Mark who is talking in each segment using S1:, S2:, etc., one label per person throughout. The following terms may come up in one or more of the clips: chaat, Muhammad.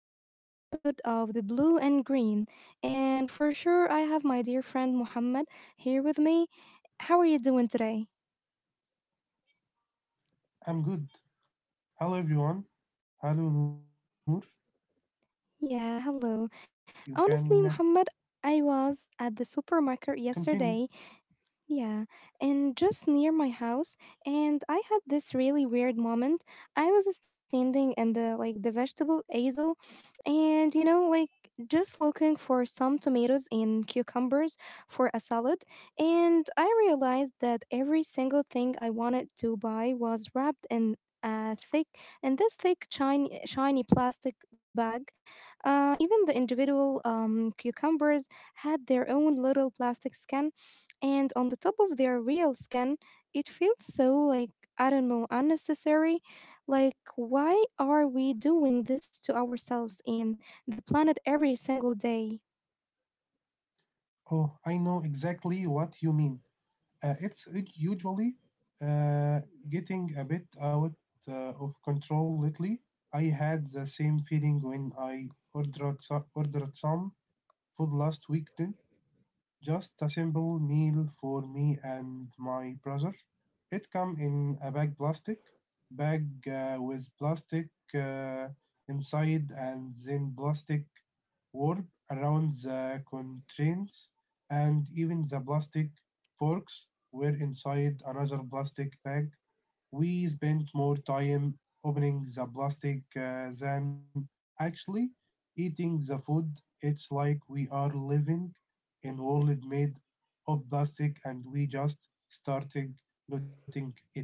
S1: to our episode of The Blue and Green. And for sure, I have my dear friend Muhammad here with me. How are you doing today?
S2: I'm good. Hello, everyone. Hello, Noor. You can continue.
S1: Yeah, hello. Honestly, Muhammad, I was at the supermarket yesterday, yeah, and just near my house, and I had this really weird moment. I was standing in the vegetable aisle, and you know, like just looking for some tomatoes and cucumbers for a salad, and I realized that every single thing I wanted to buy was wrapped in a thick in this thick shiny plastic bag. Even the individual cucumbers had their own little plastic skin and on the top of their real skin. It feels so like, I don't know, unnecessary. Like, why are we doing this to ourselves and the planet every single day?
S2: Oh, I know exactly what you mean. It's usually uh, getting a bit out of control lately. I had the same feeling when I ordered, ordered some food last week. Just a simple meal for me and my brother. It come in a bag plastic bag with plastic inside and then plastic warp around the containers, and even the plastic forks were inside another plastic bag. We spent more time opening the plastic than actually eating the food. It's like we are living in a world made of plastic and we just started noting it.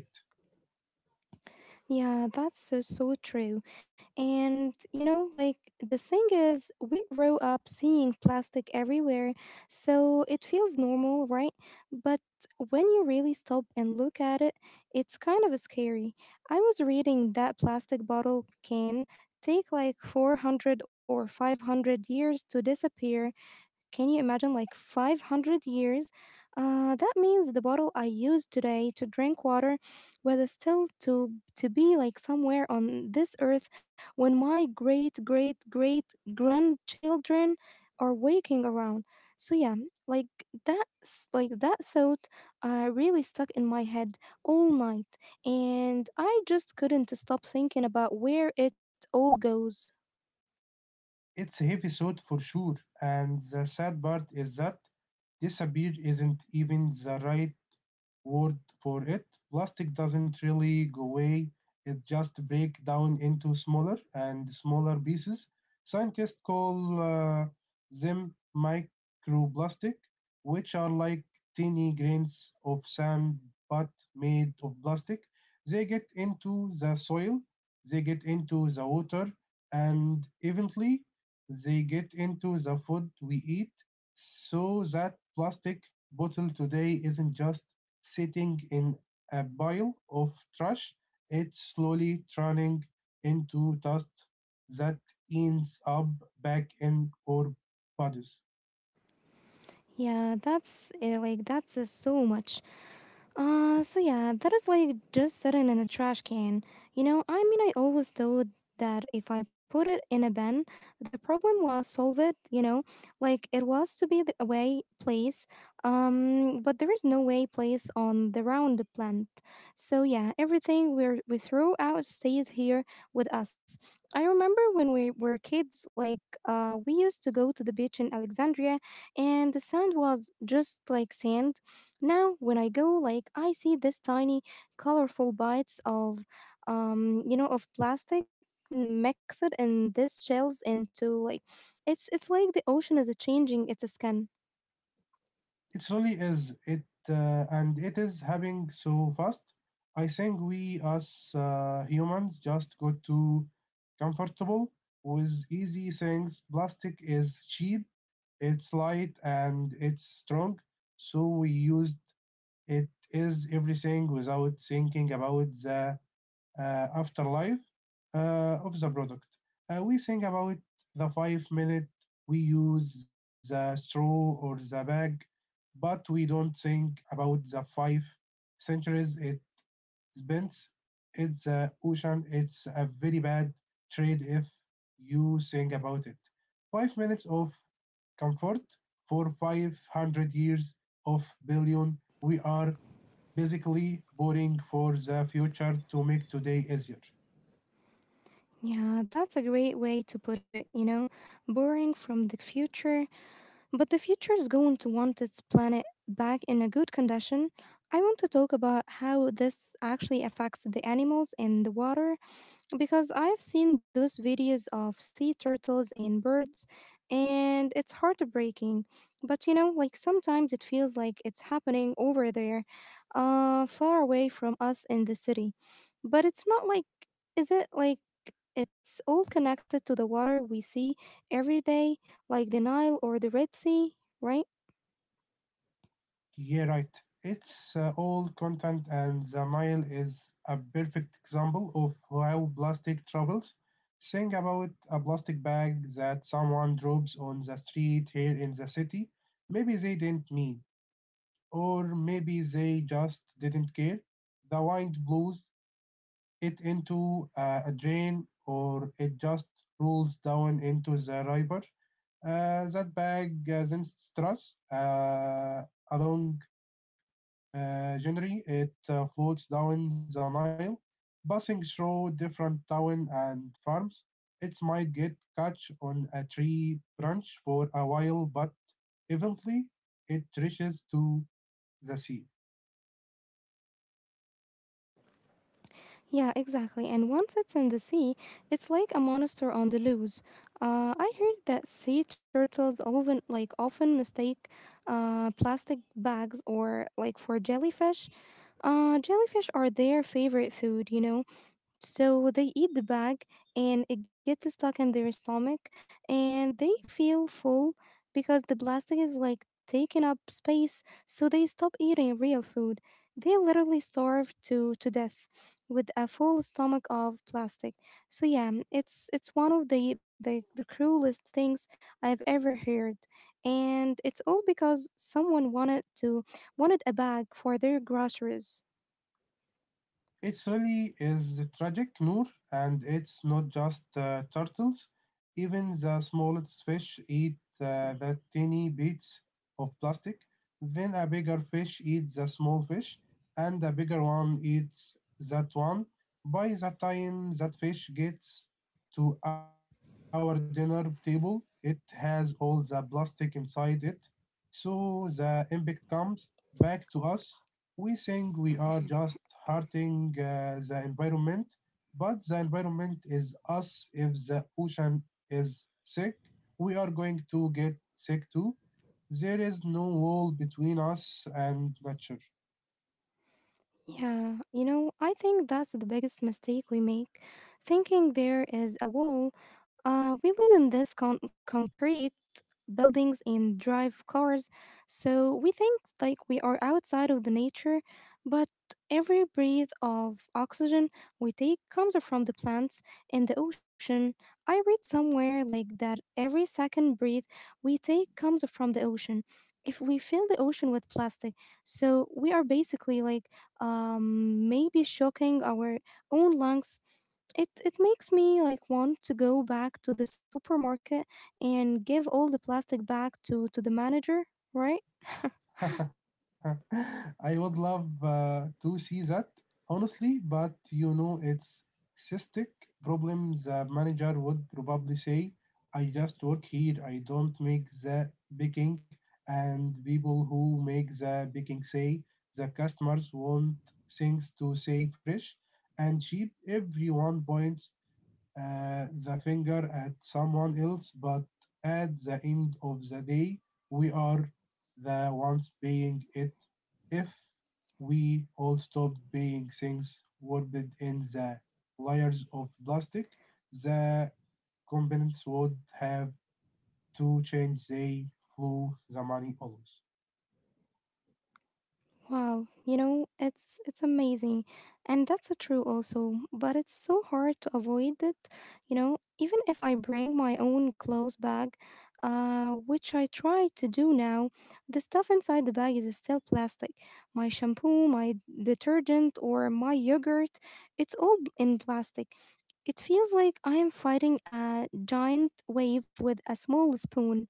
S1: Yeah, that's so true. And you know, like the thing is, we grow up seeing plastic everywhere, so it feels normal, right? But when you really stop and look at it, it's kind of scary. I was reading that plastic bottle can take like 400 or 500 years to disappear. Can you imagine, like, 500 years? That means the bottle I use today to drink water will still to be like somewhere on this earth when my great great great grandchildren are waking around. So yeah, like that thought really stuck in my head all night, and I just couldn't stop thinking about where it all goes.
S2: It's a heavy thought for sure, and the sad part is that disappear isn't even the right word for it. Plastic doesn't really go away, it just breaks down into smaller and smaller pieces. Scientists call them microplastic, which are like tiny grains of sand but made of plastic. They get into the soil, they get into the water, and eventually they get into the food we eat. So that plastic bottle today isn't just sitting in a pile of trash, it's slowly turning into dust that ends up back in our bodies.
S1: Yeah, that's so much. So yeah, that is like just sitting in a trash can. You know, I mean, I always thought that if I put it in a bin, the problem was solved, you know, like it was to be the away place. But there is no way place on the round plant. So yeah, everything we throw out stays here with us. I remember when we were kids, like we used to go to the beach in Alexandria, and the sand was just like sand. Now, when I go, like, I see this tiny, colorful bites of, you know, of plastic, mm, mixed in these shells into like, it's like the ocean is changing its skin.
S2: It really is it, and it is happening so fast. I think we as humans just got too comfortable with easy things. Plastic is cheap, it's light, and it's strong. So we used it is everything without thinking about the afterlife of the product. We think about the 5 minute we use the straw or the bag, but we don't think about the 5 centuries it spends. It's a ocean. It's a very bad trade if you think about it. 5 minutes of comfort for 500 years of billion. We are basically boring for the future to make today easier.
S1: Yeah, that's a great way to put it. You know, borrowing from the future, but the future is going to want its planet back in a good condition. I want to talk about how this actually affects the animals in the water, because I've seen those videos of sea turtles and birds, and it's heartbreaking. But you know, like sometimes it feels like it's happening over there, far away from us in the city. But it's not like, is it like, it's all connected to the water we see every day, like the Nile or the Red Sea, right?
S2: Yeah, right. It's all content, and the Nile is a perfect example of how plastic travels. Think about a plastic bag that someone drops on the street here in the city. Maybe they didn't mean, or maybe they just didn't care. The wind blows it into a drain, or it just rolls down into the river. That bag then struts along January. It floats down the Nile, passing through different towns and farms. It might get caught on a tree branch for a while, but eventually it reaches to the sea.
S1: Yeah, exactly. And once it's in the sea, it's like a monster on the loose. I heard that sea turtles often mistake plastic bags or like for jellyfish. Jellyfish are their favorite food, you know. So they eat the bag and it gets stuck in their stomach and they feel full because the plastic is like taking up space, so they stop eating real food. They literally starve to death with a full stomach of plastic. So yeah, it's one of the cruelest things I've ever heard. And it's all because someone wanted a bag for their groceries.
S2: It really is tragic, Noor, and it's not just turtles. Even the smallest fish eat the tiny bits of plastic. Then a bigger fish eats the small fish, and a bigger one eats that one. By the time that fish gets to our dinner table, it has all the plastic inside it. So the impact comes back to us. We think we are just hurting the environment, but the environment is us. If the ocean is sick, we are going to get sick too. There is no wall between us and nature.
S1: Yeah, you know, I think that's the biggest mistake we make, thinking there is a wall. We live in concrete buildings and drive cars. So we think like we are outside of the nature, but every breath of oxygen we take comes from the plants and the ocean. I read somewhere like that every second breath we take comes from the ocean. If we fill the ocean with plastic, so we are basically like, maybe shocking our own lungs. It makes me like want to go back to the supermarket and give all the plastic back to the manager, right?
S2: I would love to see that, honestly, but you know, it's cystic problems. The manager would probably say, I just work here, I don't make the baking, and people who make the baking say the customers want things to say fresh and cheap. Everyone points the finger at someone else, but at the end of the day, we are the ones paying it. If we all stopped paying things worded in the layers of plastic, the companies would have to change they flow the money always.
S1: Wow, you know, it's amazing. And that's a true also, but it's so hard to avoid it, you know, even if I bring my own clothes bag, which I try to do now, the stuff inside the bag is still plastic. My shampoo, my detergent or my yogurt, it's all in plastic. It feels like I am fighting a giant wave with a small spoon.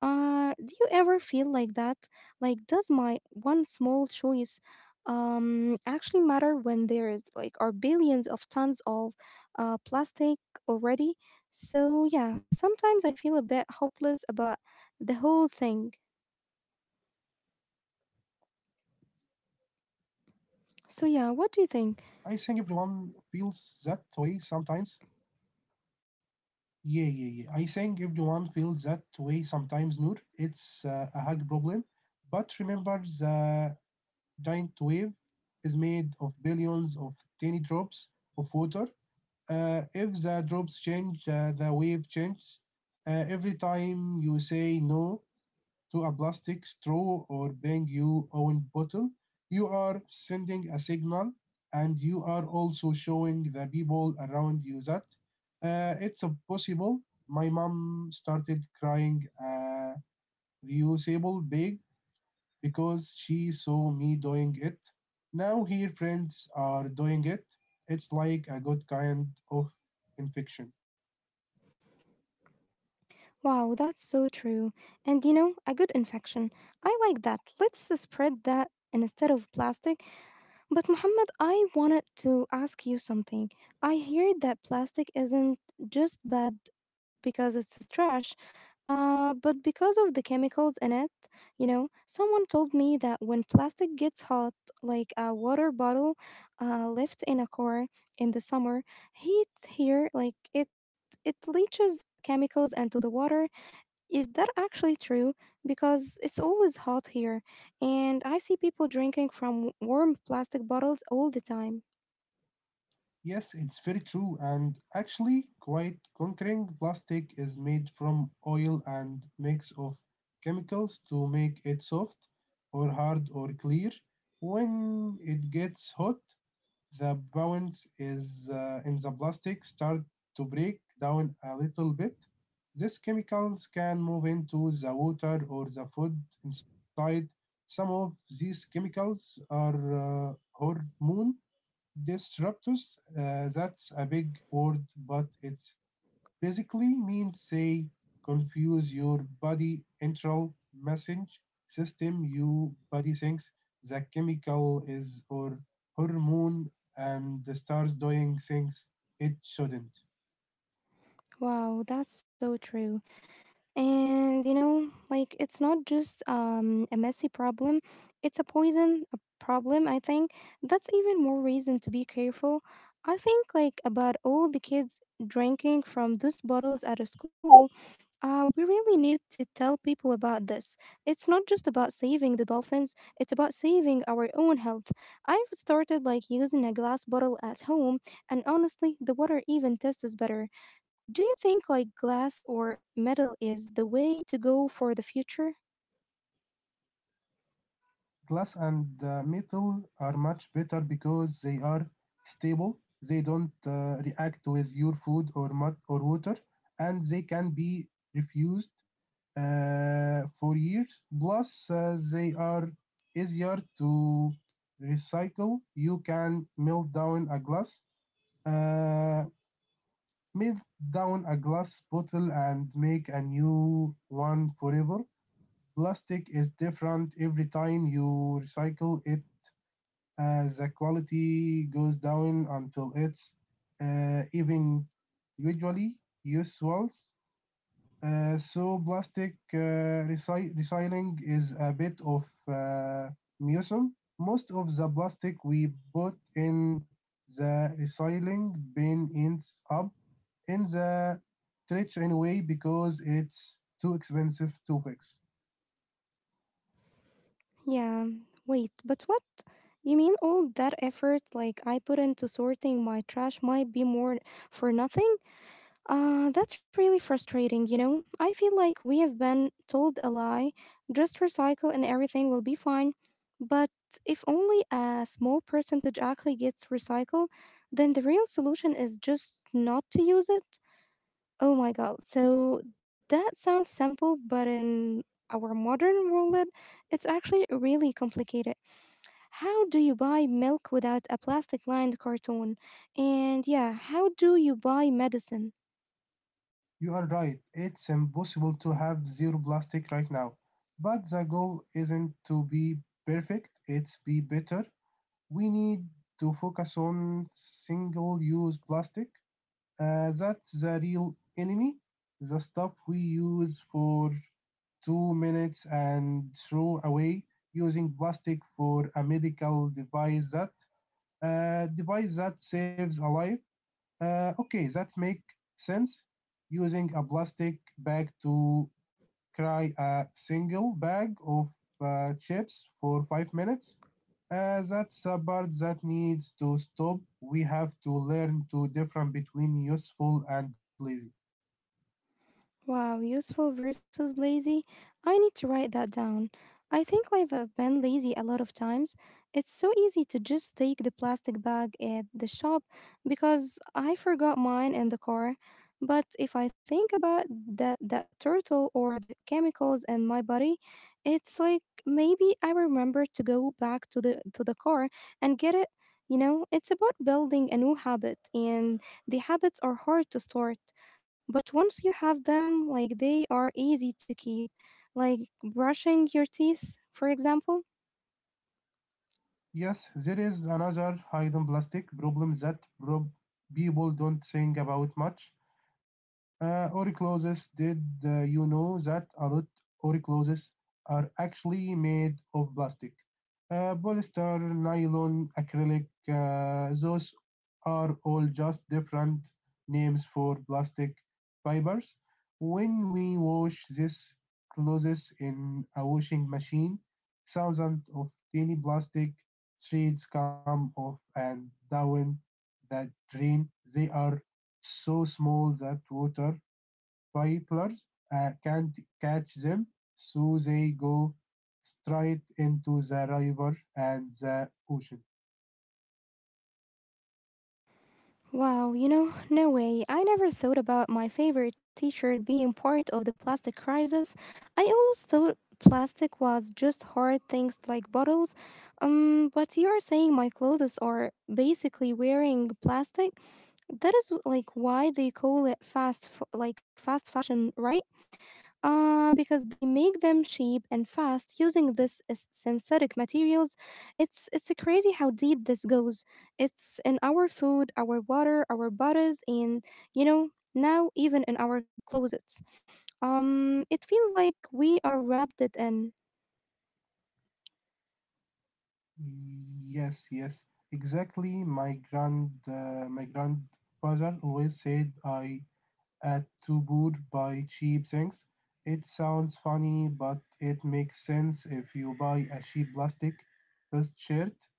S1: Do you ever feel like that? Like, does my one small choice actually matter when there is like are billions of tons of plastic already? So yeah, sometimes I feel a bit hopeless about the whole thing. So
S2: I
S1: yeah,
S2: think
S1: what do you think?
S2: everyone feels that way sometimes, Yeah, yeah, yeah. I think everyone feels that way sometimes, Noor. It's a hug problem. But remember, the giant wave is made of billions of tiny drops of water. If the drops change, the wave changes. Every time you say no to a plastic straw or bring your own bottle, you are sending a signal, and you are also showing the people around you that it's a possible. My mom started crying a reusable bag because she saw me doing it. Now her friends are doing it. It's like a good kind of infection.
S1: Wow, that's so true. And you know, a good infection. I like that. Let's spread that instead of plastic. But Muhammad, I wanted to ask you something. I hear that plastic isn't just bad because it's a trash, but because of the chemicals in it. You know, someone told me that when plastic gets hot, like a water bottle left in a car in the summer, heat here, it leaches chemicals into the water. Is that actually true? Because it's always hot here, and I see people drinking from warm plastic bottles all the time.
S2: Yes, it's very true, and actually quite conquering. Plastic is made from oil and mix of chemicals to make it soft or hard or clear. When it gets hot, the bounce is in the plastic start to break down a little bit. These chemicals can move into the water or the food inside. Some of these chemicals are hormone disruptors, that's a big word, but it's basically means say confuse your body internal message system. Your body thinks the chemical is or hormone and the stars doing things it shouldn't.
S1: Wow, that's so true. And you know, like it's not just a messy problem, it's a poison a problem, I think. That's even more reason to be careful. I think, like, about all the kids drinking from those bottles at a school. We really need to tell people about this. It's not just about saving the dolphins, it's about saving our own health. I've started like using a glass bottle at home, and honestly, the water even tastes better. Do you think like glass or metal is the way to go for the future?
S2: Glass and metal are much better because they are stable. They don't react with your food or mud or water, and they can be refused for years. Plus, they are easier to recycle. You can uh, melt down a glass bottle, and make a new one forever. Plastic is different every time you recycle it. The quality goes down until it's even usually useless. So plastic recycling is a bit of uh, museum. Most of the plastic we put in the recycling bin ends up in the trash anyway because it's too expensive to fix.
S1: Yeah, wait, but what? You mean all that effort like I put into sorting my trash might be more for nothing? That's really frustrating, you know? I feel like we have been told a lie, just recycle and everything will be fine. But if only a small percentage actually gets recycled, then the real solution is just not to use it. Oh my god. So that sounds simple, but in our modern world, it's actually really complicated. How do you buy milk without a plastic lined carton? And yeah, how do you buy medicine?
S2: You are right, it's impossible to have zero plastic right now. But the goal isn't to be perfect, it's be better. We need to focus on single use plastic. That's the real enemy, the stuff we use for 2 minutes and throw away. Using plastic for a medical device that saves a life. Okay, that makes sense. Using a plastic bag to cry a single bag of chips for 5 minutes. That's a part that needs to stop. We have to learn to different between useful and lazy.
S1: Wow, useful versus lazy. I need to write that down. I think I've been lazy a lot of times. It's so easy to just take the plastic bag at the shop because I forgot mine in the car. But if I think about that turtle or the chemicals in my body, it's like maybe I remember to go back to the car and get it. You know, it's about building a new habit and the habits are hard to start. But once you have them, like they are easy to keep, like brushing your teeth, for example.
S2: Yes, there is another hidden plastic problem that people don't think about much. Oricloses, did you know that a lot oricloses are actually made of plastic? Polyester, nylon, acrylic, those are all just different names for plastic fibers. When we wash these clothes in a washing machine, thousands of tiny plastic threads come off and down the drain. They are so small that water pipelines can't catch them, so they go straight into the river and the ocean.
S1: Wow, you know, no way. I never thought about my favorite teacher being part of the plastic crisis. I always thought plastic was just hard things like bottles. But you are saying my clothes are basically wearing plastic. That is like why they call it fast, f- like fast fashion, right? Because they make them cheap and fast using synthetic materials. It's crazy how deep this goes. It's in our food, our water, our bodies, and you know now even in our closets. It feels like we are wrapped it in.
S2: Yes, yes, exactly. My grandfather always said I at Tubud by cheap things. It sounds funny, but it makes sense. If you buy a cheap plastic best shirt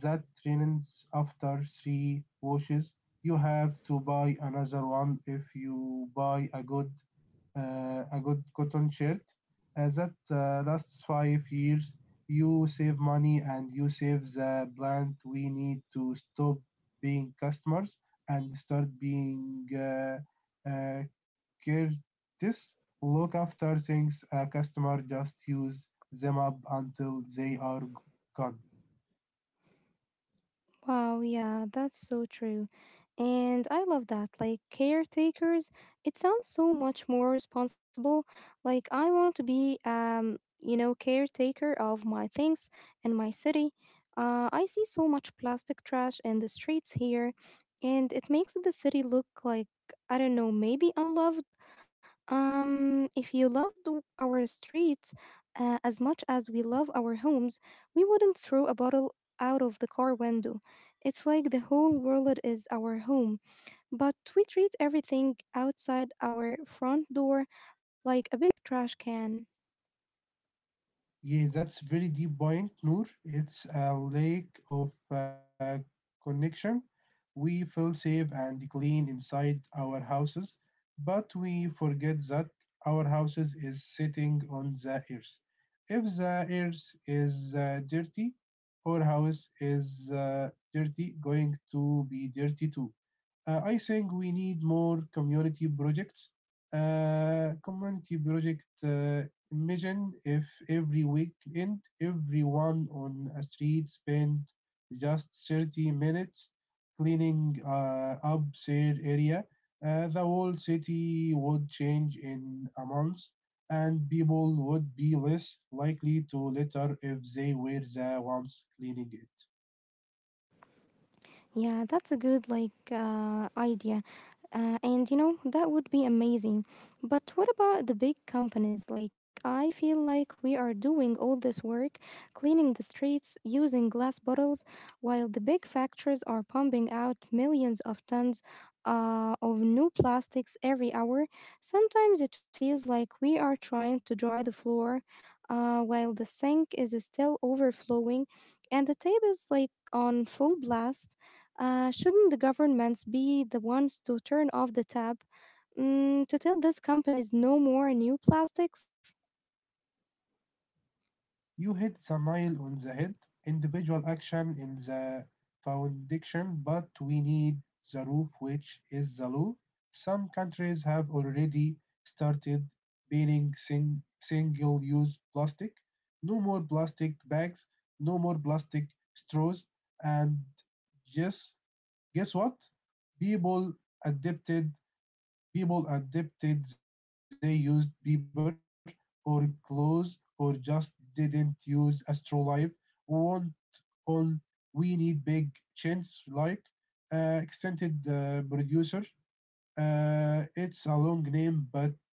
S2: that ruins after 3 washes, you have to buy another one. If you buy a good cotton shirt that lasts 5 years, you save money and you save the plant. We need to stop being customers and start being uh, Curtis, look after things. A customer just uses them up until they are gone.
S1: Wow, yeah, that's so true. And I love that. Like, caretakers, it sounds so much more responsible. Like, I want to be, you know, caretaker of my things and my city. I see so much plastic trash in the streets here, and it makes the city look like, I don't know, maybe unloved. If you loved our streets as much as we love our homes, we wouldn't throw a bottle out of the car window. It's like the whole world is our home, but we treat everything outside our front door like a big trash can.
S2: Yes, that's very deep point, Noor. It's a lack of connection. We feel safe and clean inside our houses, but we forget that our houses is sitting on the earth. If the earth is dirty, our house is going to be dirty too. I think we need more community projects. Community project Imagine if every weekend everyone on a street spent just 30 minutes cleaning up their area. The whole city would change in a month, and people would be less likely to litter if they were the ones cleaning it.
S1: Yeah, that's a good idea. And you know, that would be amazing. But what about the big companies? Like, I feel like we are doing all this work, cleaning the streets, using glass bottles, while the big factories are pumping out millions of tons of new plastics every hour. Sometimes it feels like we are trying to dry the floor while the sink is still overflowing and the tape is like on full blast. Shouldn't the governments be the ones to turn off the tap, to tell these companies no more new plastics?
S2: You hit the nail on the head. Individual action in the foundation, but we need the roof, which is the law. Some countries have already started banning single use plastic. No more plastic bags, no more plastic straws, and just guess what? People adapted People adapted, they used paper or clothes or just didn't use astrolabe. One on we need big chins like extended producer. It's a long name, but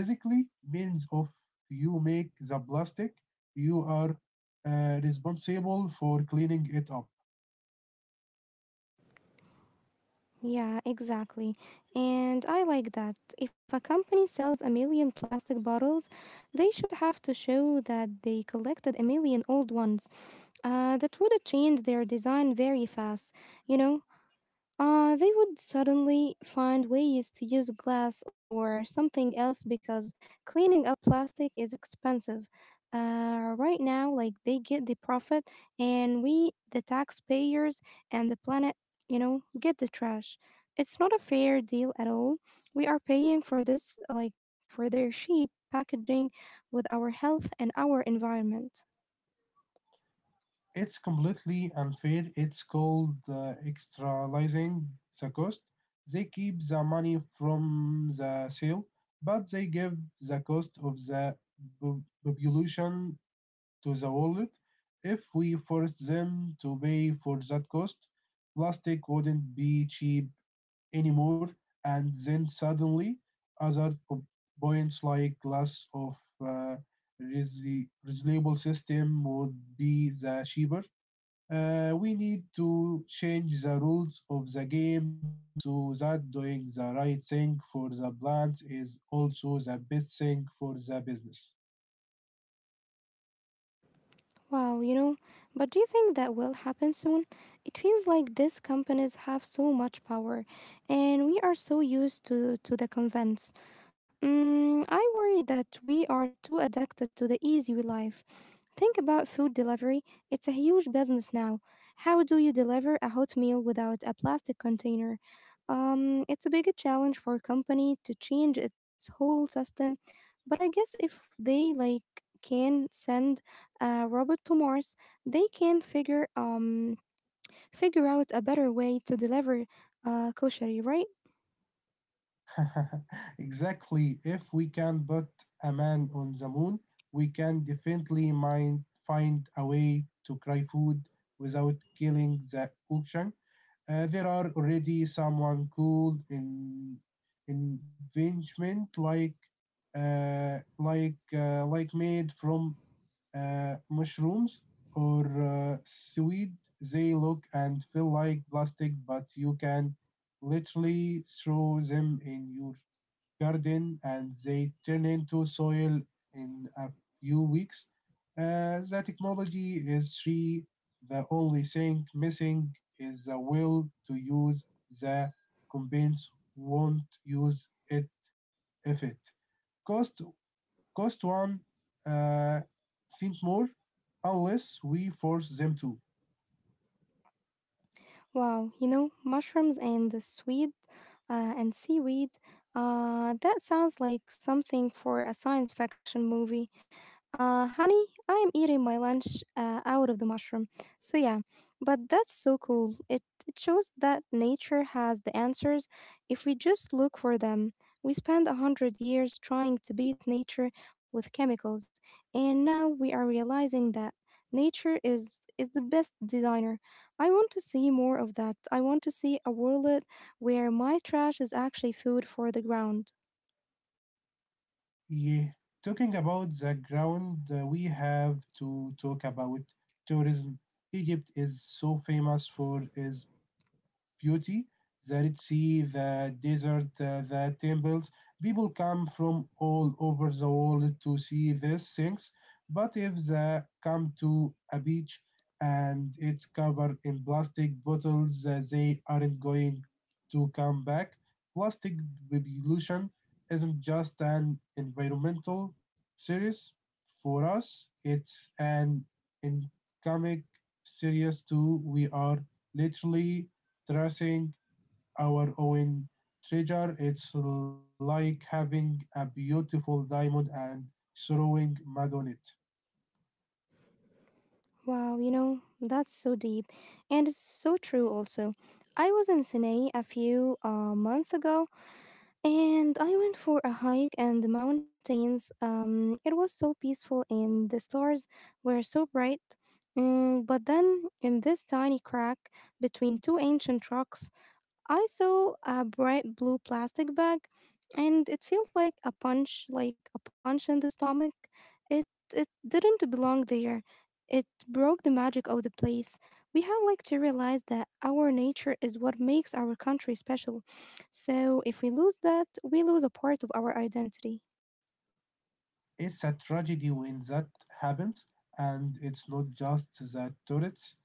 S2: basically means of you make the plastic, you are responsible for cleaning it up.
S1: Yeah, exactly. And I like that. If a company sells a million plastic bottles, they should have to show that they collected a million old ones. That would have changed their design very fast, you know? They would suddenly find ways to use glass or something else because cleaning up plastic is expensive. Right now, like they get the profit, and we, the taxpayers and the planet, you know, get the trash. It's not a fair deal at all. We are paying for this, like for their cheap packaging with our health and our environment.
S2: It's completely unfair. It's called externalizing the cost. They keep the money from the sale, but they give the cost of the population to the world. If we forced them to pay for that cost, plastic wouldn't be cheap anymore, and then suddenly other points like glass of uh, reusable system would be the cheaper. We need to change the rules of the game so that doing the right thing for the plants is also the best thing for the business.
S1: Wow, you know, but do you think that will happen soon? It feels like these companies have so much power and we are so used to the convince. Mm, I worry that we are too addicted to the easy life. Think about food delivery. It's a huge business now. How do you deliver a hot meal without a plastic container? It's a big challenge for a company to change its whole system. But I guess if they like can send a robot to Mars, they can figure out a better way to deliver kosher, right?
S2: Exactly. If we can put a man on the moon, we can definitely find a way to cry food without killing the ocean. There are already someone cool in investment like like made from mushrooms or seaweed. They look and feel like plastic, but you can literally throw them in your garden and they turn into soil in a few weeks. The technology is free. The only thing missing is the will to use the. Companies won't use it effect. Cost cost one uh, cent more unless we force them to.
S1: Wow, you know, mushrooms and the sweet and seaweed. That sounds like something for a science fiction movie. Honey, I am eating my lunch out of the mushroom. So, yeah, but that's so cool. It shows that nature has the answers if we just look for them. We spent a hundred years trying to beat nature with chemicals, and now we are realizing that nature is the best designer. I want to see more of that. I want to see a world where my trash is actually food for the ground.
S2: Yeah. Talking about the ground, we have to talk about tourism. Egypt is so famous for its beauty, the Red Sea, the desert, the temples. People come from all over the world to see these things. But if they come to a beach and it's covered in plastic bottles, they aren't going to come back. Plastic pollution isn't just an environmental serious for us, it's an economic serious too. We are literally tracing our own treasure. It's like having a beautiful diamond and throwing mud on it.
S1: Wow, you know, that's so deep. And it's so true also. I was in Sinai a few months ago and I went for a hike in the mountains. It was so peaceful and the stars were so bright. But then, in this tiny crack between two ancient rocks, I saw a bright blue plastic bag and it felt like a punch in the stomach. It it didn't belong there. It broke the magic of the place. We have like to realize that our nature is what makes our country special. So if we lose that, we lose a part of our identity.
S2: It's a tragedy when that happens, and it's not just the tourists.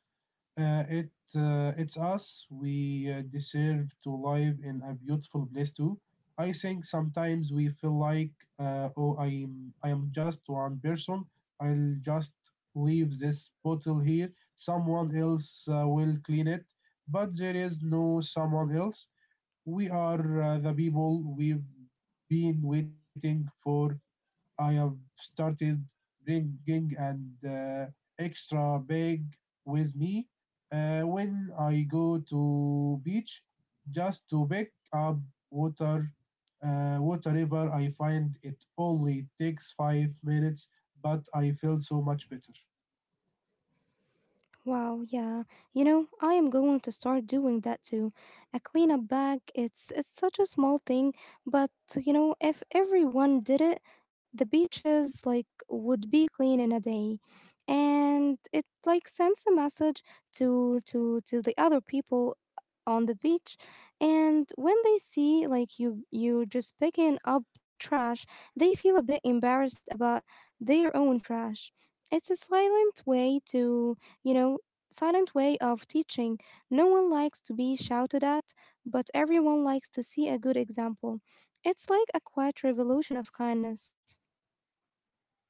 S2: Uh, it it's us. We deserve to live in a beautiful place too. I think sometimes we feel like, oh, I am just one person. I'll just leave this bottle here. Someone else will clean it. But there is no someone else. We are the people we've been waiting for. I have started bringing an extra bag with me when I go to beach, just to pick up water. Whatever I find, it only takes 5 minutes, but I feel so much better.
S1: Wow, yeah. You know, I am going to start doing that too. A cleanup bag, it's such a small thing, but you know, if everyone did it, the beaches like would be clean in a day. And it like sends a message to the other people on the beach, and when they see like you just picking up trash, they feel a bit embarrassed about their own trash. It's a silent way to, you know, silent way of teaching. No one likes to be shouted at, but everyone likes to see a good example. It's like a quiet revolution of kindness.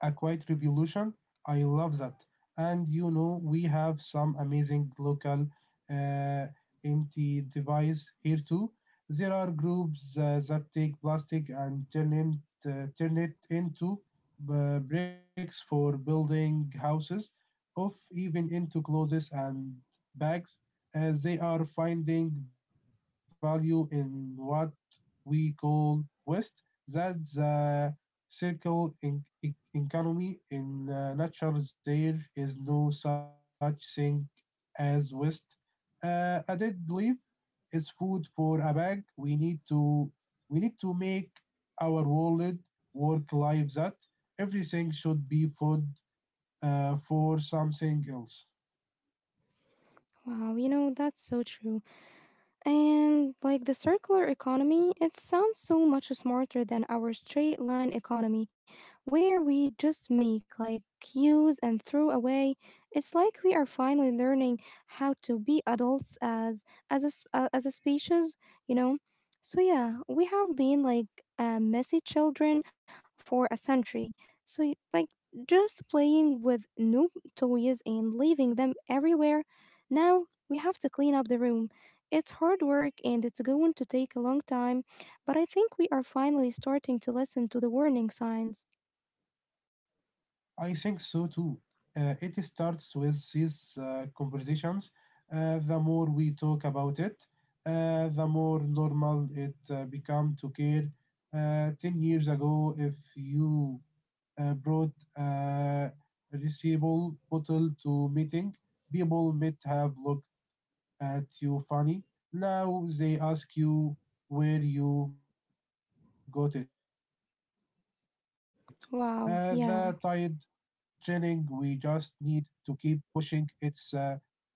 S2: A quiet revolution. I love that. And you know, we have some amazing local uh, anti-device here too. There are groups that take plastic and turn it into bricks for building houses, of even into clothes and bags, as they are finding value in what we call waste. That's circle in, e- economy. In nature, there is no such thing as waste. A dead leaf is food for a bag. We need to make our world work life that everything should be food for something else.
S1: Wow, you know, that's so true. And like the circular economy, it sounds so much smarter than our straight line economy, where we just make, like, use and throw away. It's like we are finally learning how to be adults as as a species, you know. So yeah, we have been like messy children for a century. So just playing with new toys and leaving them everywhere. Now we have to clean up the room. It's hard work and it's going to take a long time, but I think we are finally starting to listen to the warning signs.
S2: I think so too. It starts with these conversations. The more we talk about it, the more normal it become to care. 10 years ago, if you brought uh, a reusable bottle to meeting, people might have looked at you funny. Now they ask you where you got it. The tide chilling. We just
S1: Wow,
S2: need
S1: yeah.
S2: to keep pushing. It's yeah,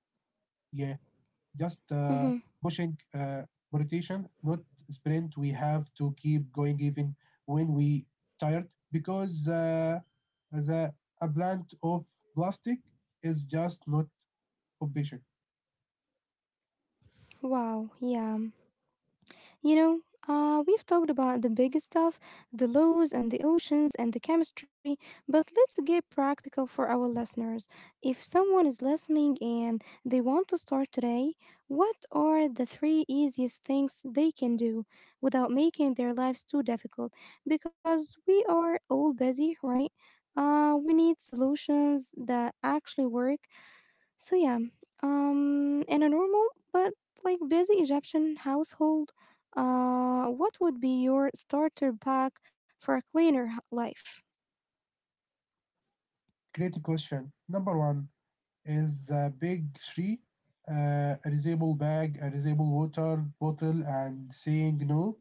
S2: just pushing
S1: Hmm.
S2: rotation, not sprint. We have to keep going even when we tired because the a plant of plastic is just not efficient.
S1: Wow, yeah. You know, we've talked about the big stuff, the laws and the oceans and the chemistry, but let's get practical for our listeners. If someone is listening and they want to start today, what are the three easiest things they can do without making their lives too difficult? Because we are all busy, right? We need solutions that actually work, so yeah, in a normal but like busy Egyptian household, what would be your starter pack for a life?
S2: Great question. Number one, is a big three, a reusable bag, a reusable water bottle, and saying no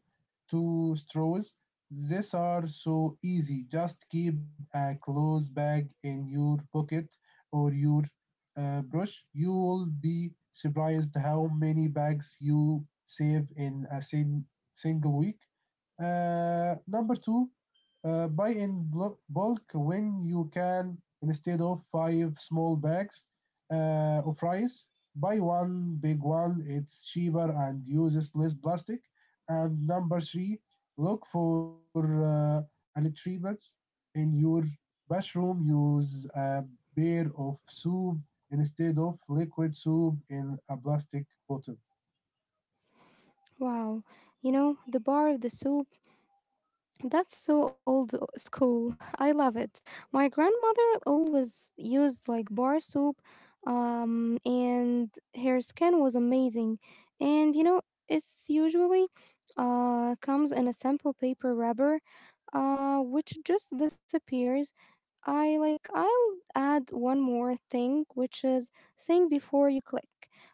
S2: to straws. These are so easy. Just keep a clothes bag in your pocket or your brush. You will be surprised how many bags you save in a single week. Number two, buy in bulk when you can instead of five small bags of rice. Buy one big one, it's cheaper and uses less plastic. And number three, look for electricians in your bathroom. Use a pair of soup instead of liquid soup in a plastic bottle.
S1: Wow, you know, the bar of the soup. That's so school. I love it. My grandmother always used like bar soup, and her skin was amazing. And you know, it's usually comes in a simple paper wrapper, which just disappears. I I'll add one more thing, which is think before you click.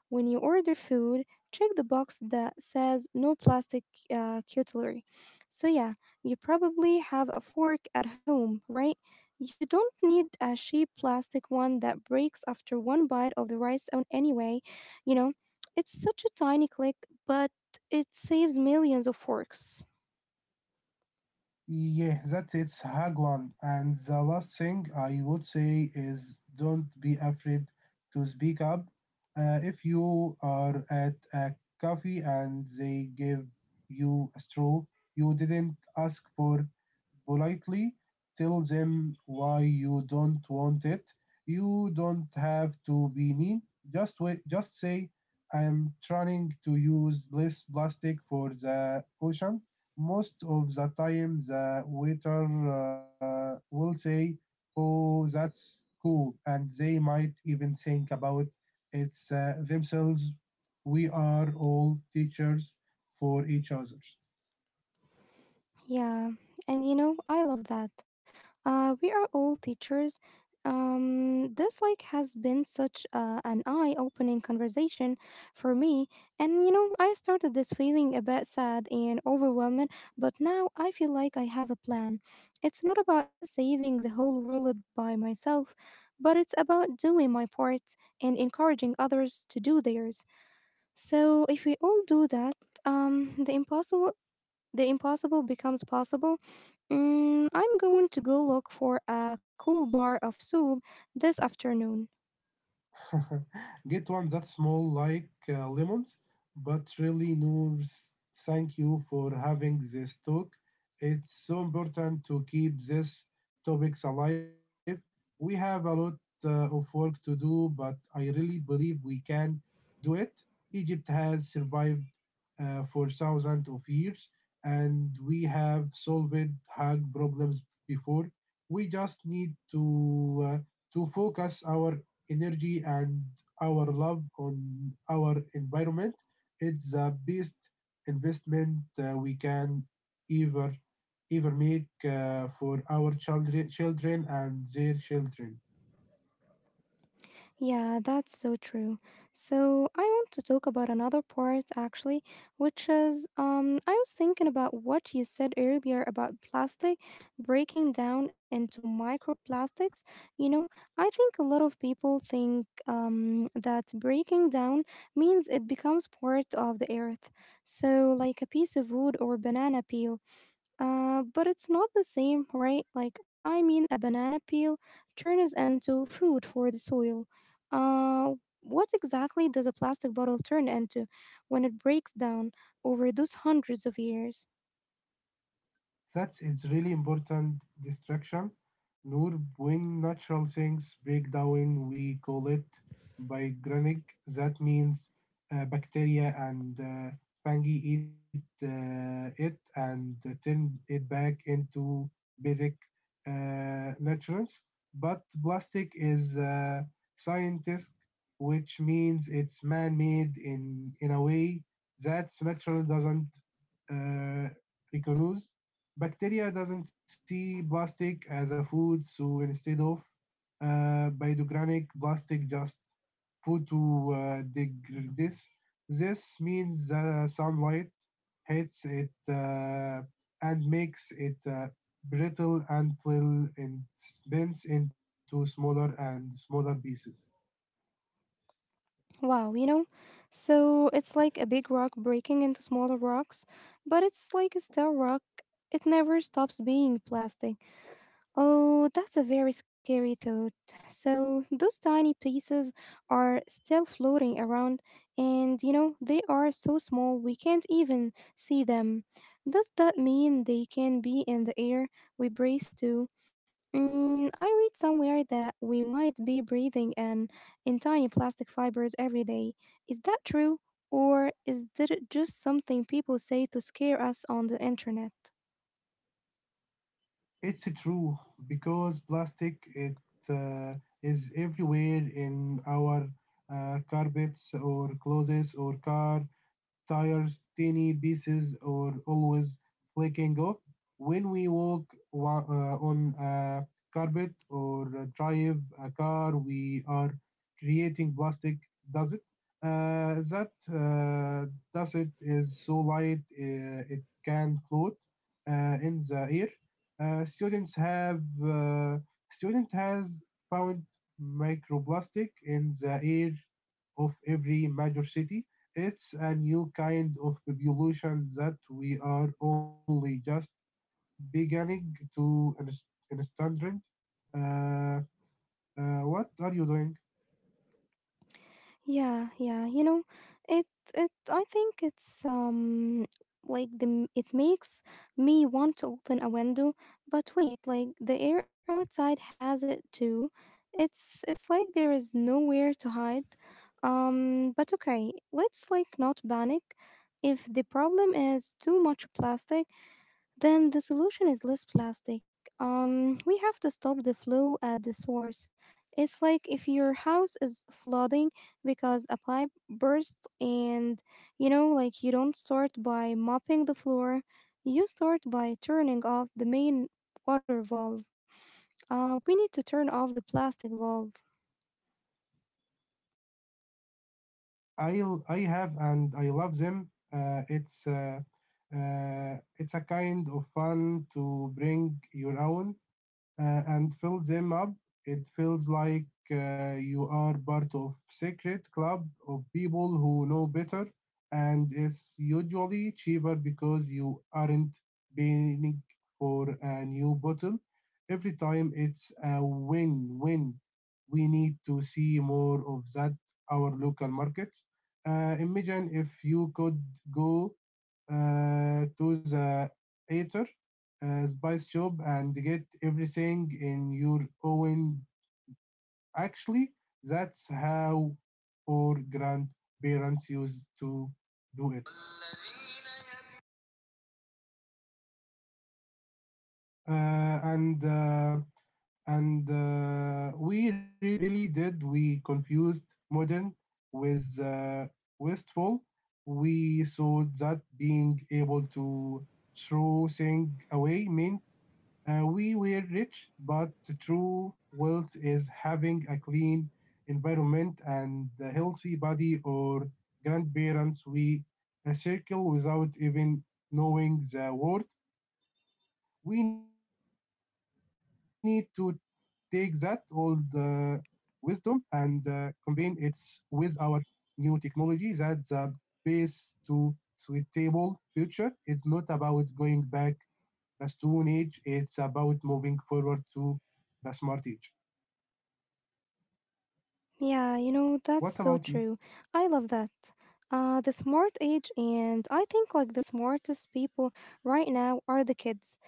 S1: When you order food, check the box that says no plastic cutlery. So yeah, you probably have a fork at home, right? You don't need a cheap plastic one that breaks after one bite of the rice on anyway, you know. It's such a tiny click, but it saves millions of forks.
S2: Yeah, that's it, Hagwan. And the last thing I would say is don't be afraid to speak up. If you are at a coffee and they give you a straw you didn't ask for politely, tell them why you don't want it. You don't have to be mean. Just say, I'm trying to use less plastic for the ocean most of the time. The waiter will say, oh, that's cool. And they might even think about it themselves. We are all teachers for each other.
S1: Yeah, and you know, I love that. We are all teachers. This like has been such an eye-opening conversation for me, and you know, I started this feeling a bit sad and overwhelmed, but now I feel like I have a plan. It's not about saving the whole world by myself, but it's about doing my part and encouraging others to do theirs. So if we all do that, um, the impossible the impossible becomes possible. Mm, I'm going to go look for a cool bar of soup this afternoon.
S2: Get one that's small like lemons, but really Noors, thank you for having this talk. It's so important to keep these topics alive. We have a lot of work to do, but I really believe we can do it. Egypt has survived for thousands of years, and we have solved hard problems before. We just need to focus our energy and our love on our environment. It's the best investment we can ever ever make for our children children and their children.
S1: Yeah, that's so true. So, I want to talk about another part actually, which is I was thinking about what you said earlier about plastic breaking down into microplastics. You know, I think a lot of people think that breaking down means it becomes part of the earth. So, like a piece of wood or banana peel. But it's not the same, right? Like, I mean, a banana peel turns into food for the soil. Uh, what exactly does a plastic bottle turn into when it breaks down over those hundreds of years?
S2: That's it's really important distraction. Nur, when natural things break down, we call it biogenic. That means bacteria and fungi eat it and turn it back into basic nutrients. But plastic is scientist, which means it's man-made in a way that natural doesn't uh, recognize. Bacteria doesn't see plastic as a food, so instead of biodegrading plastic just photodegrades. This means that sunlight hits it and makes it brittle until it bends into smaller and smaller pieces.
S1: Wow, you know? So it's like a big rock breaking into smaller rocks, but it's like a still rock. It never stops being plastic. Oh, that's a very scary thought. So, those tiny pieces are still floating around, and you know, they are so small we can't even see them. Does that mean they can be in the air we breathe to? Mm, I read somewhere that we might be breathing in tiny plastic fibers every day. Is that true, or is that just something people say to scare us on the internet?
S2: It's true because plastic it uh, is everywhere in our carpets or clothes or car tires. Tiny pieces are always flaking off. When we walk on a carpet or drive a car, we are creating plastic dust. That dust is so light it can float in the air. Students have student has found microplastic in the air of every major city. It's a new kind of evolution that we are only just beginning to understand. Uh, what are you doing?
S1: Yeah, yeah. You know, it it I think it's like it makes me want to open a window, but wait, like the air outside has it too. It's like there is nowhere to hide. But okay, let's like not panic. If the problem is too much plastic, then the solution is less plastic. We have to stop the flow at the source. It's like if your house is flooding because a pipe burst, and you know, like you don't start by mopping the floor, you start by turning off the main water valve. We need to turn off the plastic valve.
S2: I have and I love them. Uh, it's uh, it's a kind of fun to bring your own and fill them up. It feels like you are part of secret club of people who know better, and it's usually cheaper because you aren't paying for a new bottle every time. It's a win-win. We need to see more of that our local markets. Imagine if you could go to the theater spice shop and get everything in your own. Actually, that's how our grandparents used to do it. Uh, and uh, and We really did. We confused modern with wasteful. We saw that being able to throw things away meant we were rich, but true wealth is having a clean environment and a healthy body or grandparents. We a circle without even knowing the word. We need to take that old wisdom and combine it with our new technology. That's the base to suitable future. It's not about going back the Stone Age. It's about moving forward to the Smart Age.
S1: Yeah, you know, that's
S2: What
S1: so
S2: about you?
S1: true. I love that. The smart age, and I think like the smartest people right now are the kids.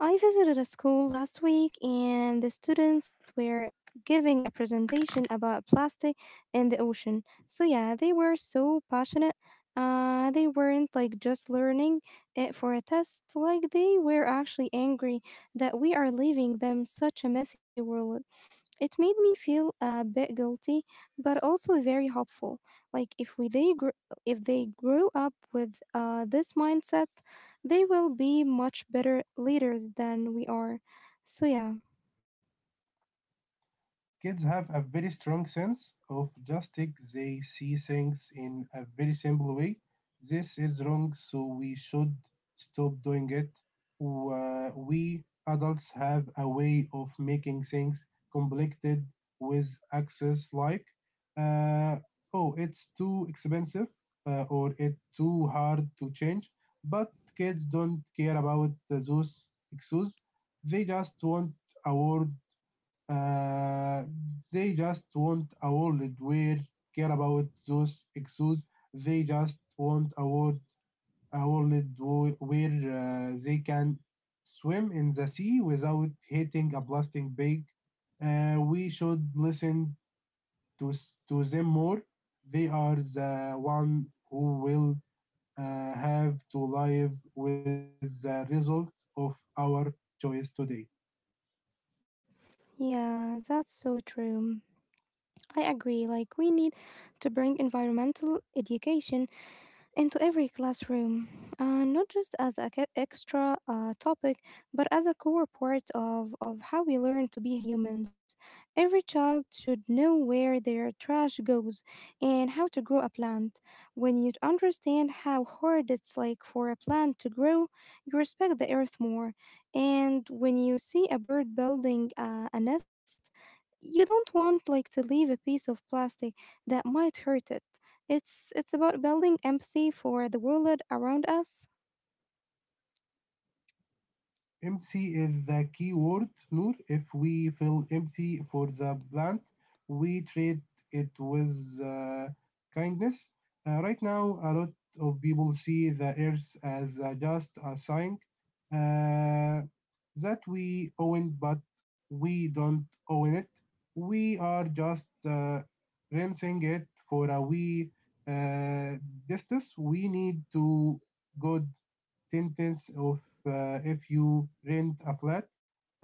S1: I visited a school last week and the students were giving a presentation about plastic in the ocean. So, yeah, they were so passionate. They weren't like just learning it for a test, like, they were actually angry that we are leaving them such a messy world. It made me feel a bit guilty, but also very hopeful. Like if they grew up with this mindset, they will be much better leaders than we are. So yeah,
S2: Kids have a very strong sense of justice. They see things in a very simple way. This is wrong, so we should stop doing it. We adults have a way of making things complicated with access like, uh, oh, it's too expensive or it's too hard to change. But kids don't care about those excuses. They just want a word. Uh, they just want a world where care about those issues. They just want a world where they can swim in the sea without hitting a plastic bag. We should listen to them more. They are the one who will have to live with the result of our choice today.
S1: yeah, that's so true. I agree. Like we need to bring environmental education into every classroom, not just as an extra topic, but as a core part of how we learn to be humans. Every child should know where their trash goes and how to grow a plant. When you understand how hard it's like for a plant to grow, you respect the earth more. And when you see a bird building a nest, you don't want like to leave a piece of plastic that might hurt it. It's about building empathy for the world around us.
S2: Empty is the key word, Noor. If we fill empty for the plant, we treat it with uh, kindness. Right now, a lot of people see the earth as just a sign uh, that we own, but we don't own it. We are just rinsing it for a wee uh, distance. We need to good ten tenths of if you rent a flat.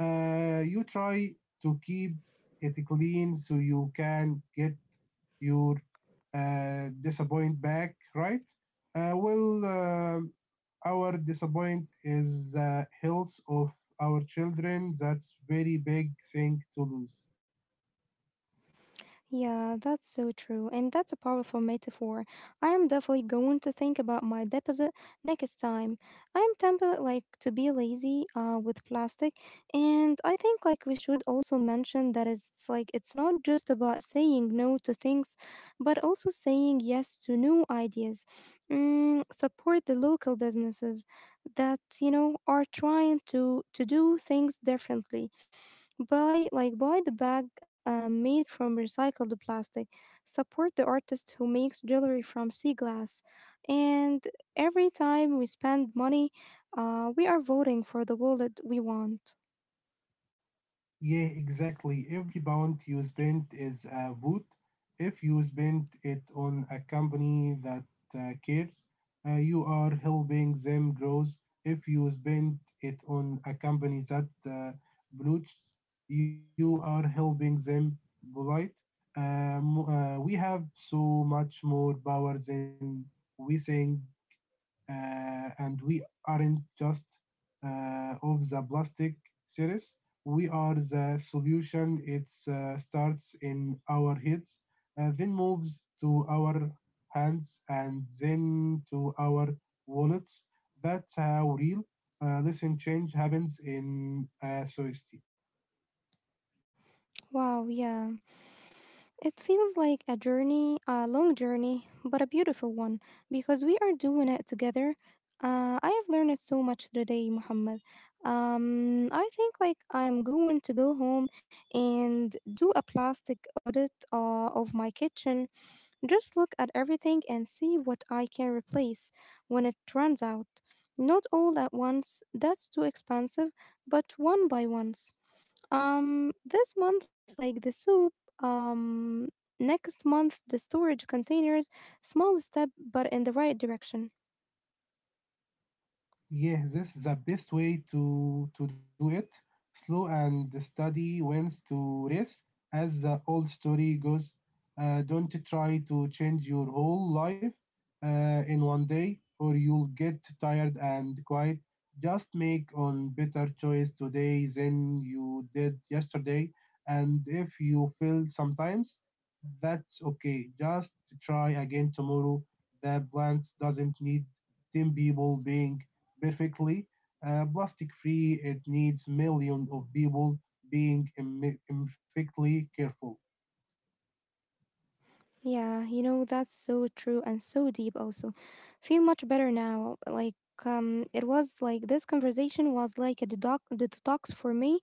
S2: You try to keep it clean so you can get your disappoint back, right? Well, our disappoint is health of our children. That's very big thing to lose.
S1: Yeah, that's so true. And that's a powerful metaphor. I am definitely going to think about my deposit next time. I am tempted like to be lazy with plastic, and I think like we should also mention that it's like it's not just about saying no to things but also saying yes to new ideas. Mm, support the local businesses that you know are trying to do things differently. Buy like buy the bag made from recycled plastic. Support the artist who makes jewelry from sea glass. And every time we spend money, we are voting for the wallet we want.
S2: Yeah, exactly. Every pound you spend is a vote. If you spend it on a company that cares, you are helping them grow. If you spend it on a company that pollutes, you are helping them polite. We have so much more power than we think and we aren't just of the plastic series. We are the solution. It starts in our heads, then moves to our hands, and then to our wallets. That's how real listen change happens in society.
S1: Wow, yeah. It feels like a journey, a long journey, but a beautiful one because we are doing it together. I have learned so much today, Muhammad. I think like I'm going to go home and do a plastic audit of my kitchen. Just look at everything and see what I can replace when it runs out. Not all at once, that's too expensive, but one by one. This month, like the soup. Next month, the storage containers. Small step, but in the right direction.
S2: Yes, this is the best way to do it. Slow and steady wins to race, as the old story goes. Don't try to change your whole life in one day, or you'll get tired and quiet. Just make on better choice today than you did yesterday. And if you fail sometimes, that's okay. Just try again tomorrow. The plans doesn't need 10 people being perfectly plastic free. It needs millions of people being imperfectly careful.
S1: Yeah, you know, that's so true and so deep, also. Feel much better now. Like, it was like this conversation was like a detox for me.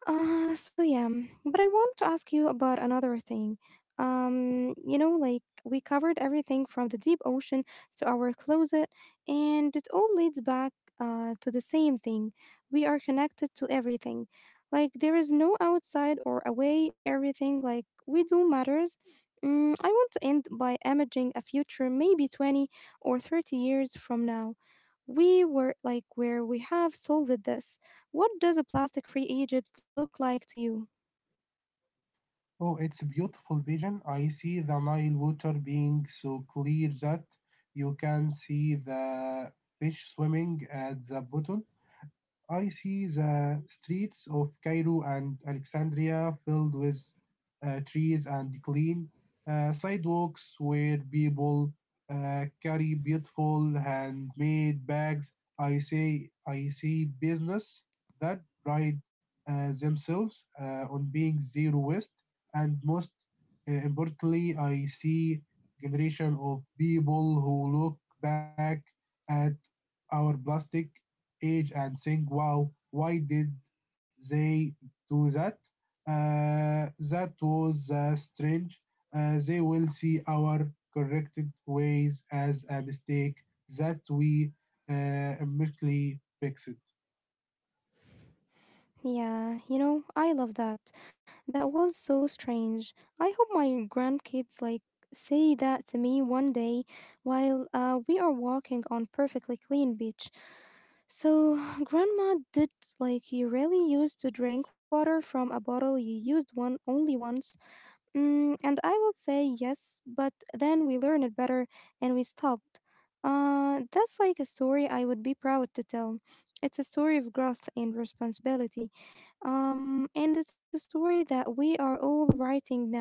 S1: So yeah, mm, but I want to ask you about another thing. You know, like we covered everything from the deep ocean to our closet, and it all leads back to the same thing. We are connected to everything. Like there is no outside or away, everything like we do matters. Mm, I want to end by imaging a future maybe 20 or 30 years from now. We were like where we have solved this, what does a plastic free Egypt look like to you?
S2: Oh, it's a beautiful vision. I see the Nile water being so clear that you can see the fish swimming at the bottom. I see the streets of Cairo and Alexandria filled with trees and clean sidewalks where people carry beautiful handmade bags. I say I see business that pride themselves on being zero waste, and most importantly, I see generation of people who look back at our plastic age and think, wow, why did they do that? That was strange. They will see our corrected ways as a mistake that we uh, immediately fixed.
S1: Yeah, you know, I love that. That was so strange. I hope my grandkids like say that to me one day while we are walking on perfectly clean beach. So, grandma did like you really used to drink water from a bottle you used one only once. Mm, and I will say yes, but then we learn it better and we stopped. That's like a story I would be proud to tell. It's a story of growth and responsibility. And it's a story that we are all writing now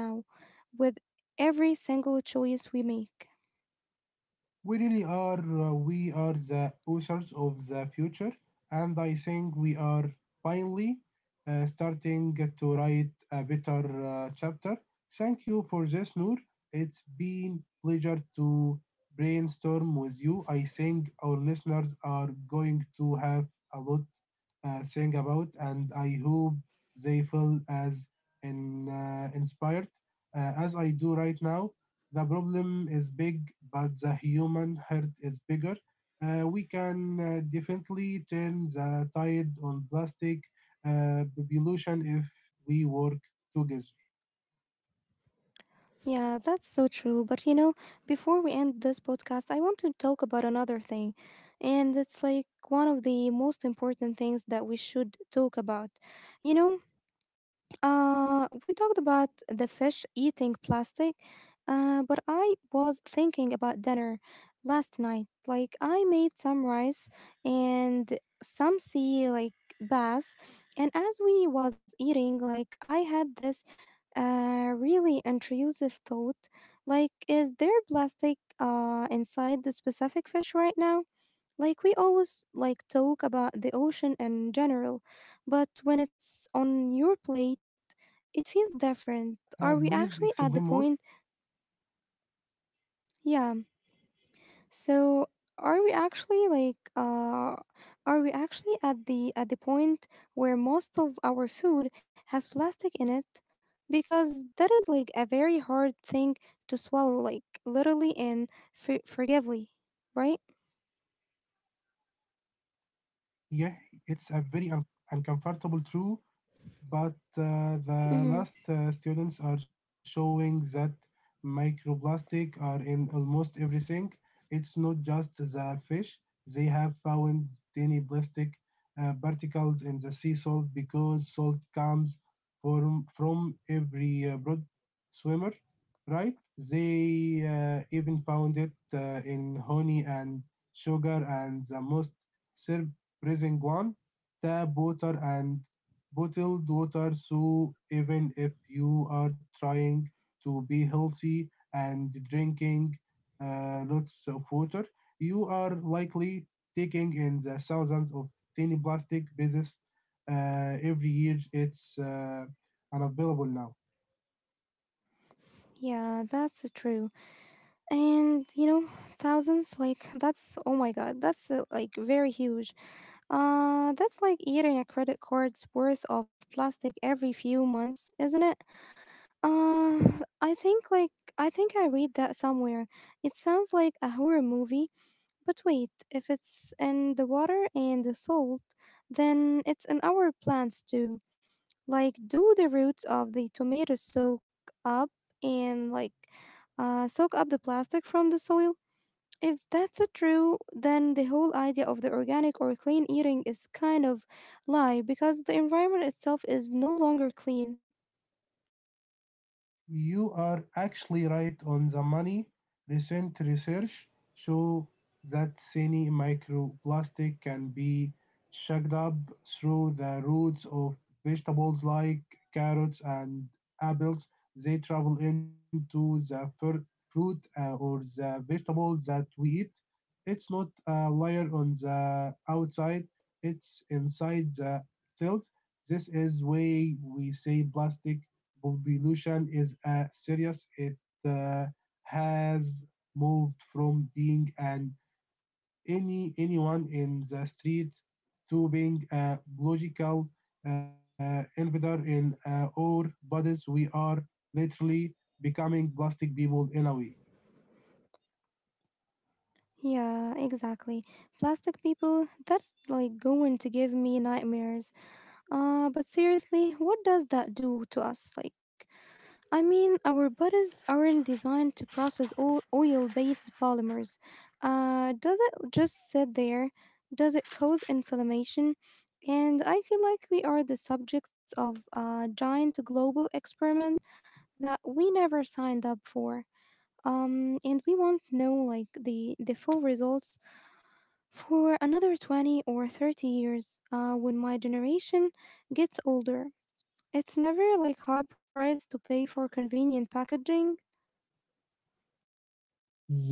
S1: with every single choice we make.
S2: We really are. We are the authors of the future, and I think we are finally starting to write a better chapter. Thank you for this, Noor. It's been pleasure to brainstorm with you. I think our listeners are going to have a lot think about, and I hope they feel as inspired as I do right now. The problem is big, but the human hurt is bigger. We can definitely turn the tide on plastic uh, pollution if we work together.
S1: Yeah, that's so true. But you know, before we end this podcast, I want to talk about another thing. And it's like one of the most important things that we should talk about. You know, we talked about the fish eating plastic, but I was thinking about dinner last night. Like, I made some rice and some sea, like, bass. And as we was eating, like, I had this really intrusive thought, like, is there plastic inside the specific fish right now? Like we always like talk about the ocean in general, but when
S2: Uh,
S1: it's
S2: please
S1: on your
S2: explain more.
S1: plate, it feels different. Are we actually at the point? Yeah. So are we actually like are we actually at the point where most of our food has plastic in it? Because that is like a very hard thing to swallow, like literally and forgively, right?
S2: Yeah, it's a very uncomfortable truth, but the
S1: Mm-hmm.
S2: last students are showing that microplastic are in almost everything. It's not just the fish. They have found tiny plastic particles in the sea salt because salt comes from every broad swimmer, right? They even found it in honey and sugar and the most surprising one tap water and bottled water, so even if you are trying to be healthy and drinking lots of water, you are likely taking in the thousands of tiny plastic pieces every year. It's unavailable now.
S1: Yeah, that's true. And you know, thousands, like that's, oh my god, that's like very huge. That's like eating a credit card's worth of plastic every few months, isn't it? Uh i think like i think I read that somewhere. It sounds like a horror movie, but wait, if it's in the water and the salt, then it's in our plants too. Like do the roots of the tomatoes soak up and like soak up the plastic from the soil? If that's a true, then the whole idea of the organic or clean eating is kind of lie, because the environment itself is no longer clean.
S2: You are actually right on the money. Recent research shows that tiny microplastic can be sucked up through the roots of vegetables like carrots and apples. They travel into the fruit or the vegetables that we eat. It's not a layer on the outside, it's inside the cells. This is why we say plastic pollution is serious. It uh, has moved from being an anyone in the street to being a logical invader in our bodies. We are literally becoming plastic people in a way.
S1: Yeah, exactly. Plastic people, that's like going to give me nightmares. But seriously, what does that do to us? Like, I mean, our bodies aren't designed to process all oil based polymers. Does it just sit there? Does it cause inflammation? And I feel like we are the subjects of a giant global experiment that we never signed up for. And we won't know like the full results for another 20 or 30 years when my generation gets older. It's never like high price to pay for convenient packaging.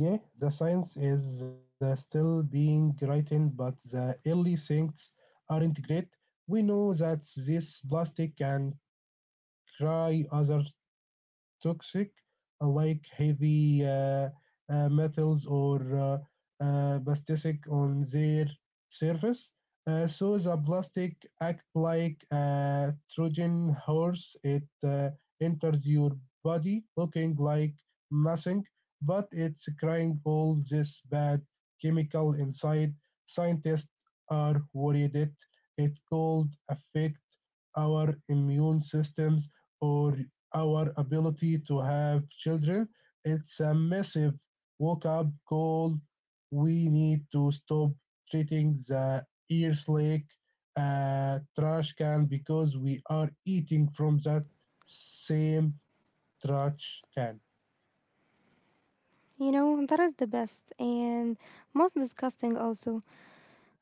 S2: Yeah, the science is still being written, but the early things aren't great. We know that this plastic can cry other toxic, like heavy metals or plastic on their surface. So the plastic act like a Trojan horse. It enters your body looking like nothing, but it's carrying all this bad chemical inside. Scientists are worried it could affect our immune systems or our ability to have children. It's a massive wake up call. We need to stop treating the Earth like a trash can because we are eating from that same trash can.
S1: You know, that is the best and most disgusting also.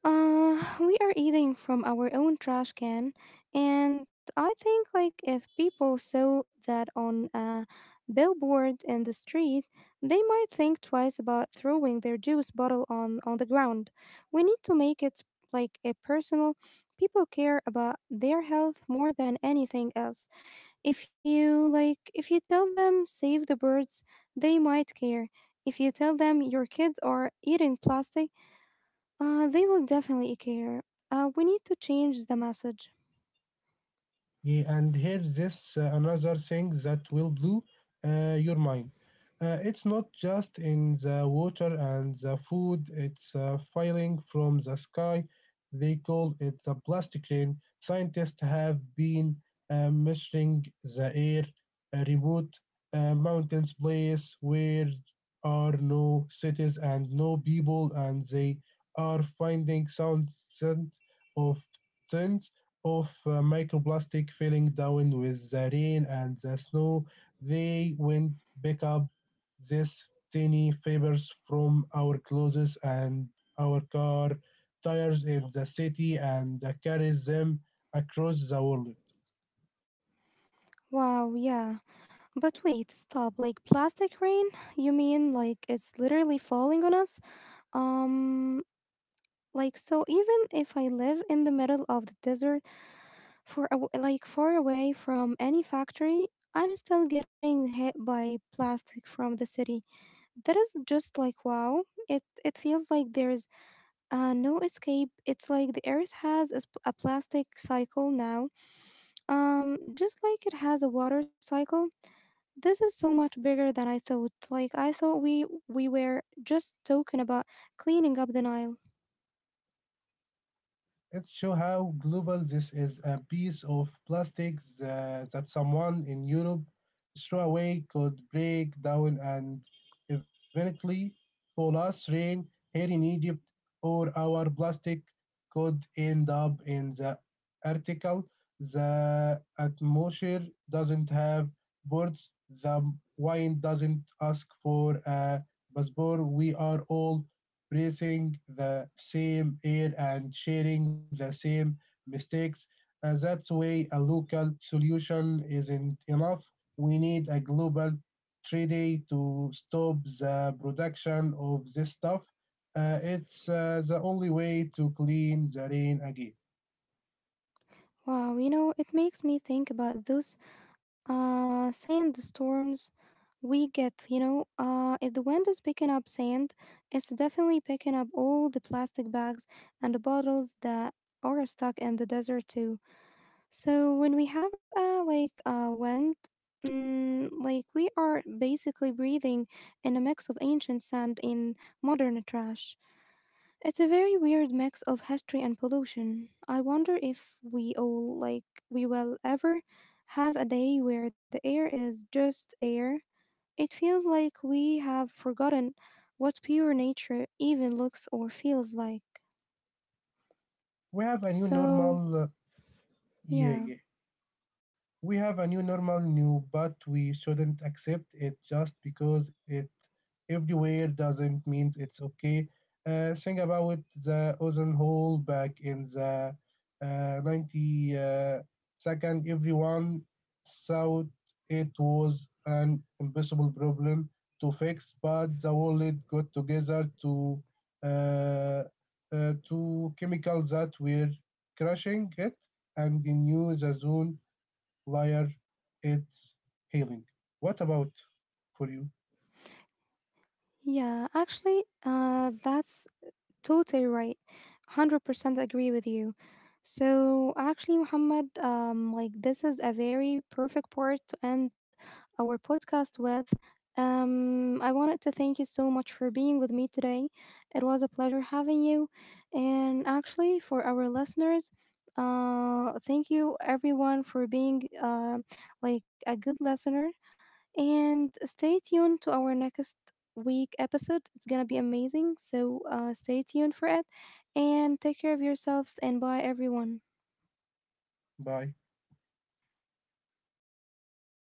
S1: We are eating from our own trash can, and I think like if people saw that on a billboard in the street, they might think twice about throwing their juice bottle on the ground. We need to make it like a personal. People care about their health more than anything else. If you like if you tell them save the birds, they might care. If you tell them your kids are eating plastic, they will definitely care. We need to change the message.
S2: Yeah, and here's this another thing that will blow your mind. It's not just in the water and the food, it's falling from the sky. They call it the plastic rain. Scientists have been measuring the air, remote mountains, place where are no cities and no people, and they are finding thousands of tons of microplastic filling down with the rain and the snow. They went pick up these tiny fibers from our clothes and our car tires in the city and carries them across the world.
S1: Wow, yeah. But wait, stop. Like plastic rain? You mean like it's literally falling on us? Um like so even if I live in the middle of the desert for a w like far away from any factory, I'm still getting hit by plastic from the city. That is just like wow, it feels like there is no escape. It's like the earth has a, a plastic cycle now, just like it has a water cycle. This is so much bigger than I thought. Like I thought we were just talking about cleaning up the Nile.
S2: It shows how global this is a piece of plastic that someone in Europe threw away could break down and eventually fall us rain here in Egypt, or our plastic could end up in the article. The atmosphere doesn't have boards, the wine doesn't ask for a passport. We are all breathing the same air and sharing the same mistakes. That's why a local solution isn't enough. We need a global treaty to stop the production of this stuff. It's the only way to clean the rain again.
S1: Wow, you know, it makes me think about those sandstorms we get, you know. If the wind is picking up sand, it's definitely picking up all the plastic bags and the bottles that are stuck in the desert too. So when we have a like a wind, mm, like we are basically breathing in a mix of ancient sand and modern trash. It's a very weird mix of history and pollution. I wonder if we all like we will ever have a day where the air is just air. It feels like we have forgotten what pure nature even looks or feels like.
S2: We have a new
S1: So,
S2: normal. Yeah,
S1: yeah.
S2: yeah. We have a new normal new, but we shouldn't accept it just because it everywhere doesn't means it's okay. Think about the ozone hole back in the 90s second. Everyone thought it was an impossible problem to fix, but the world got together uh, to chemicals that were crushing it and they knew the zone liar, it's healing. What about for you?
S1: Yeah, actually, that's totally right. 100% agree with you. So, actually, Muhammad, like this is a very perfect part to end our podcast with. I wanted to thank you so much for being with me today. It was a pleasure having you. And actually, for our listeners, thank you everyone for being like a good listener and stay tuned to our next week episode. It's going to be amazing. So stay tuned for it and take care of yourselves and bye, everyone.
S2: Bye.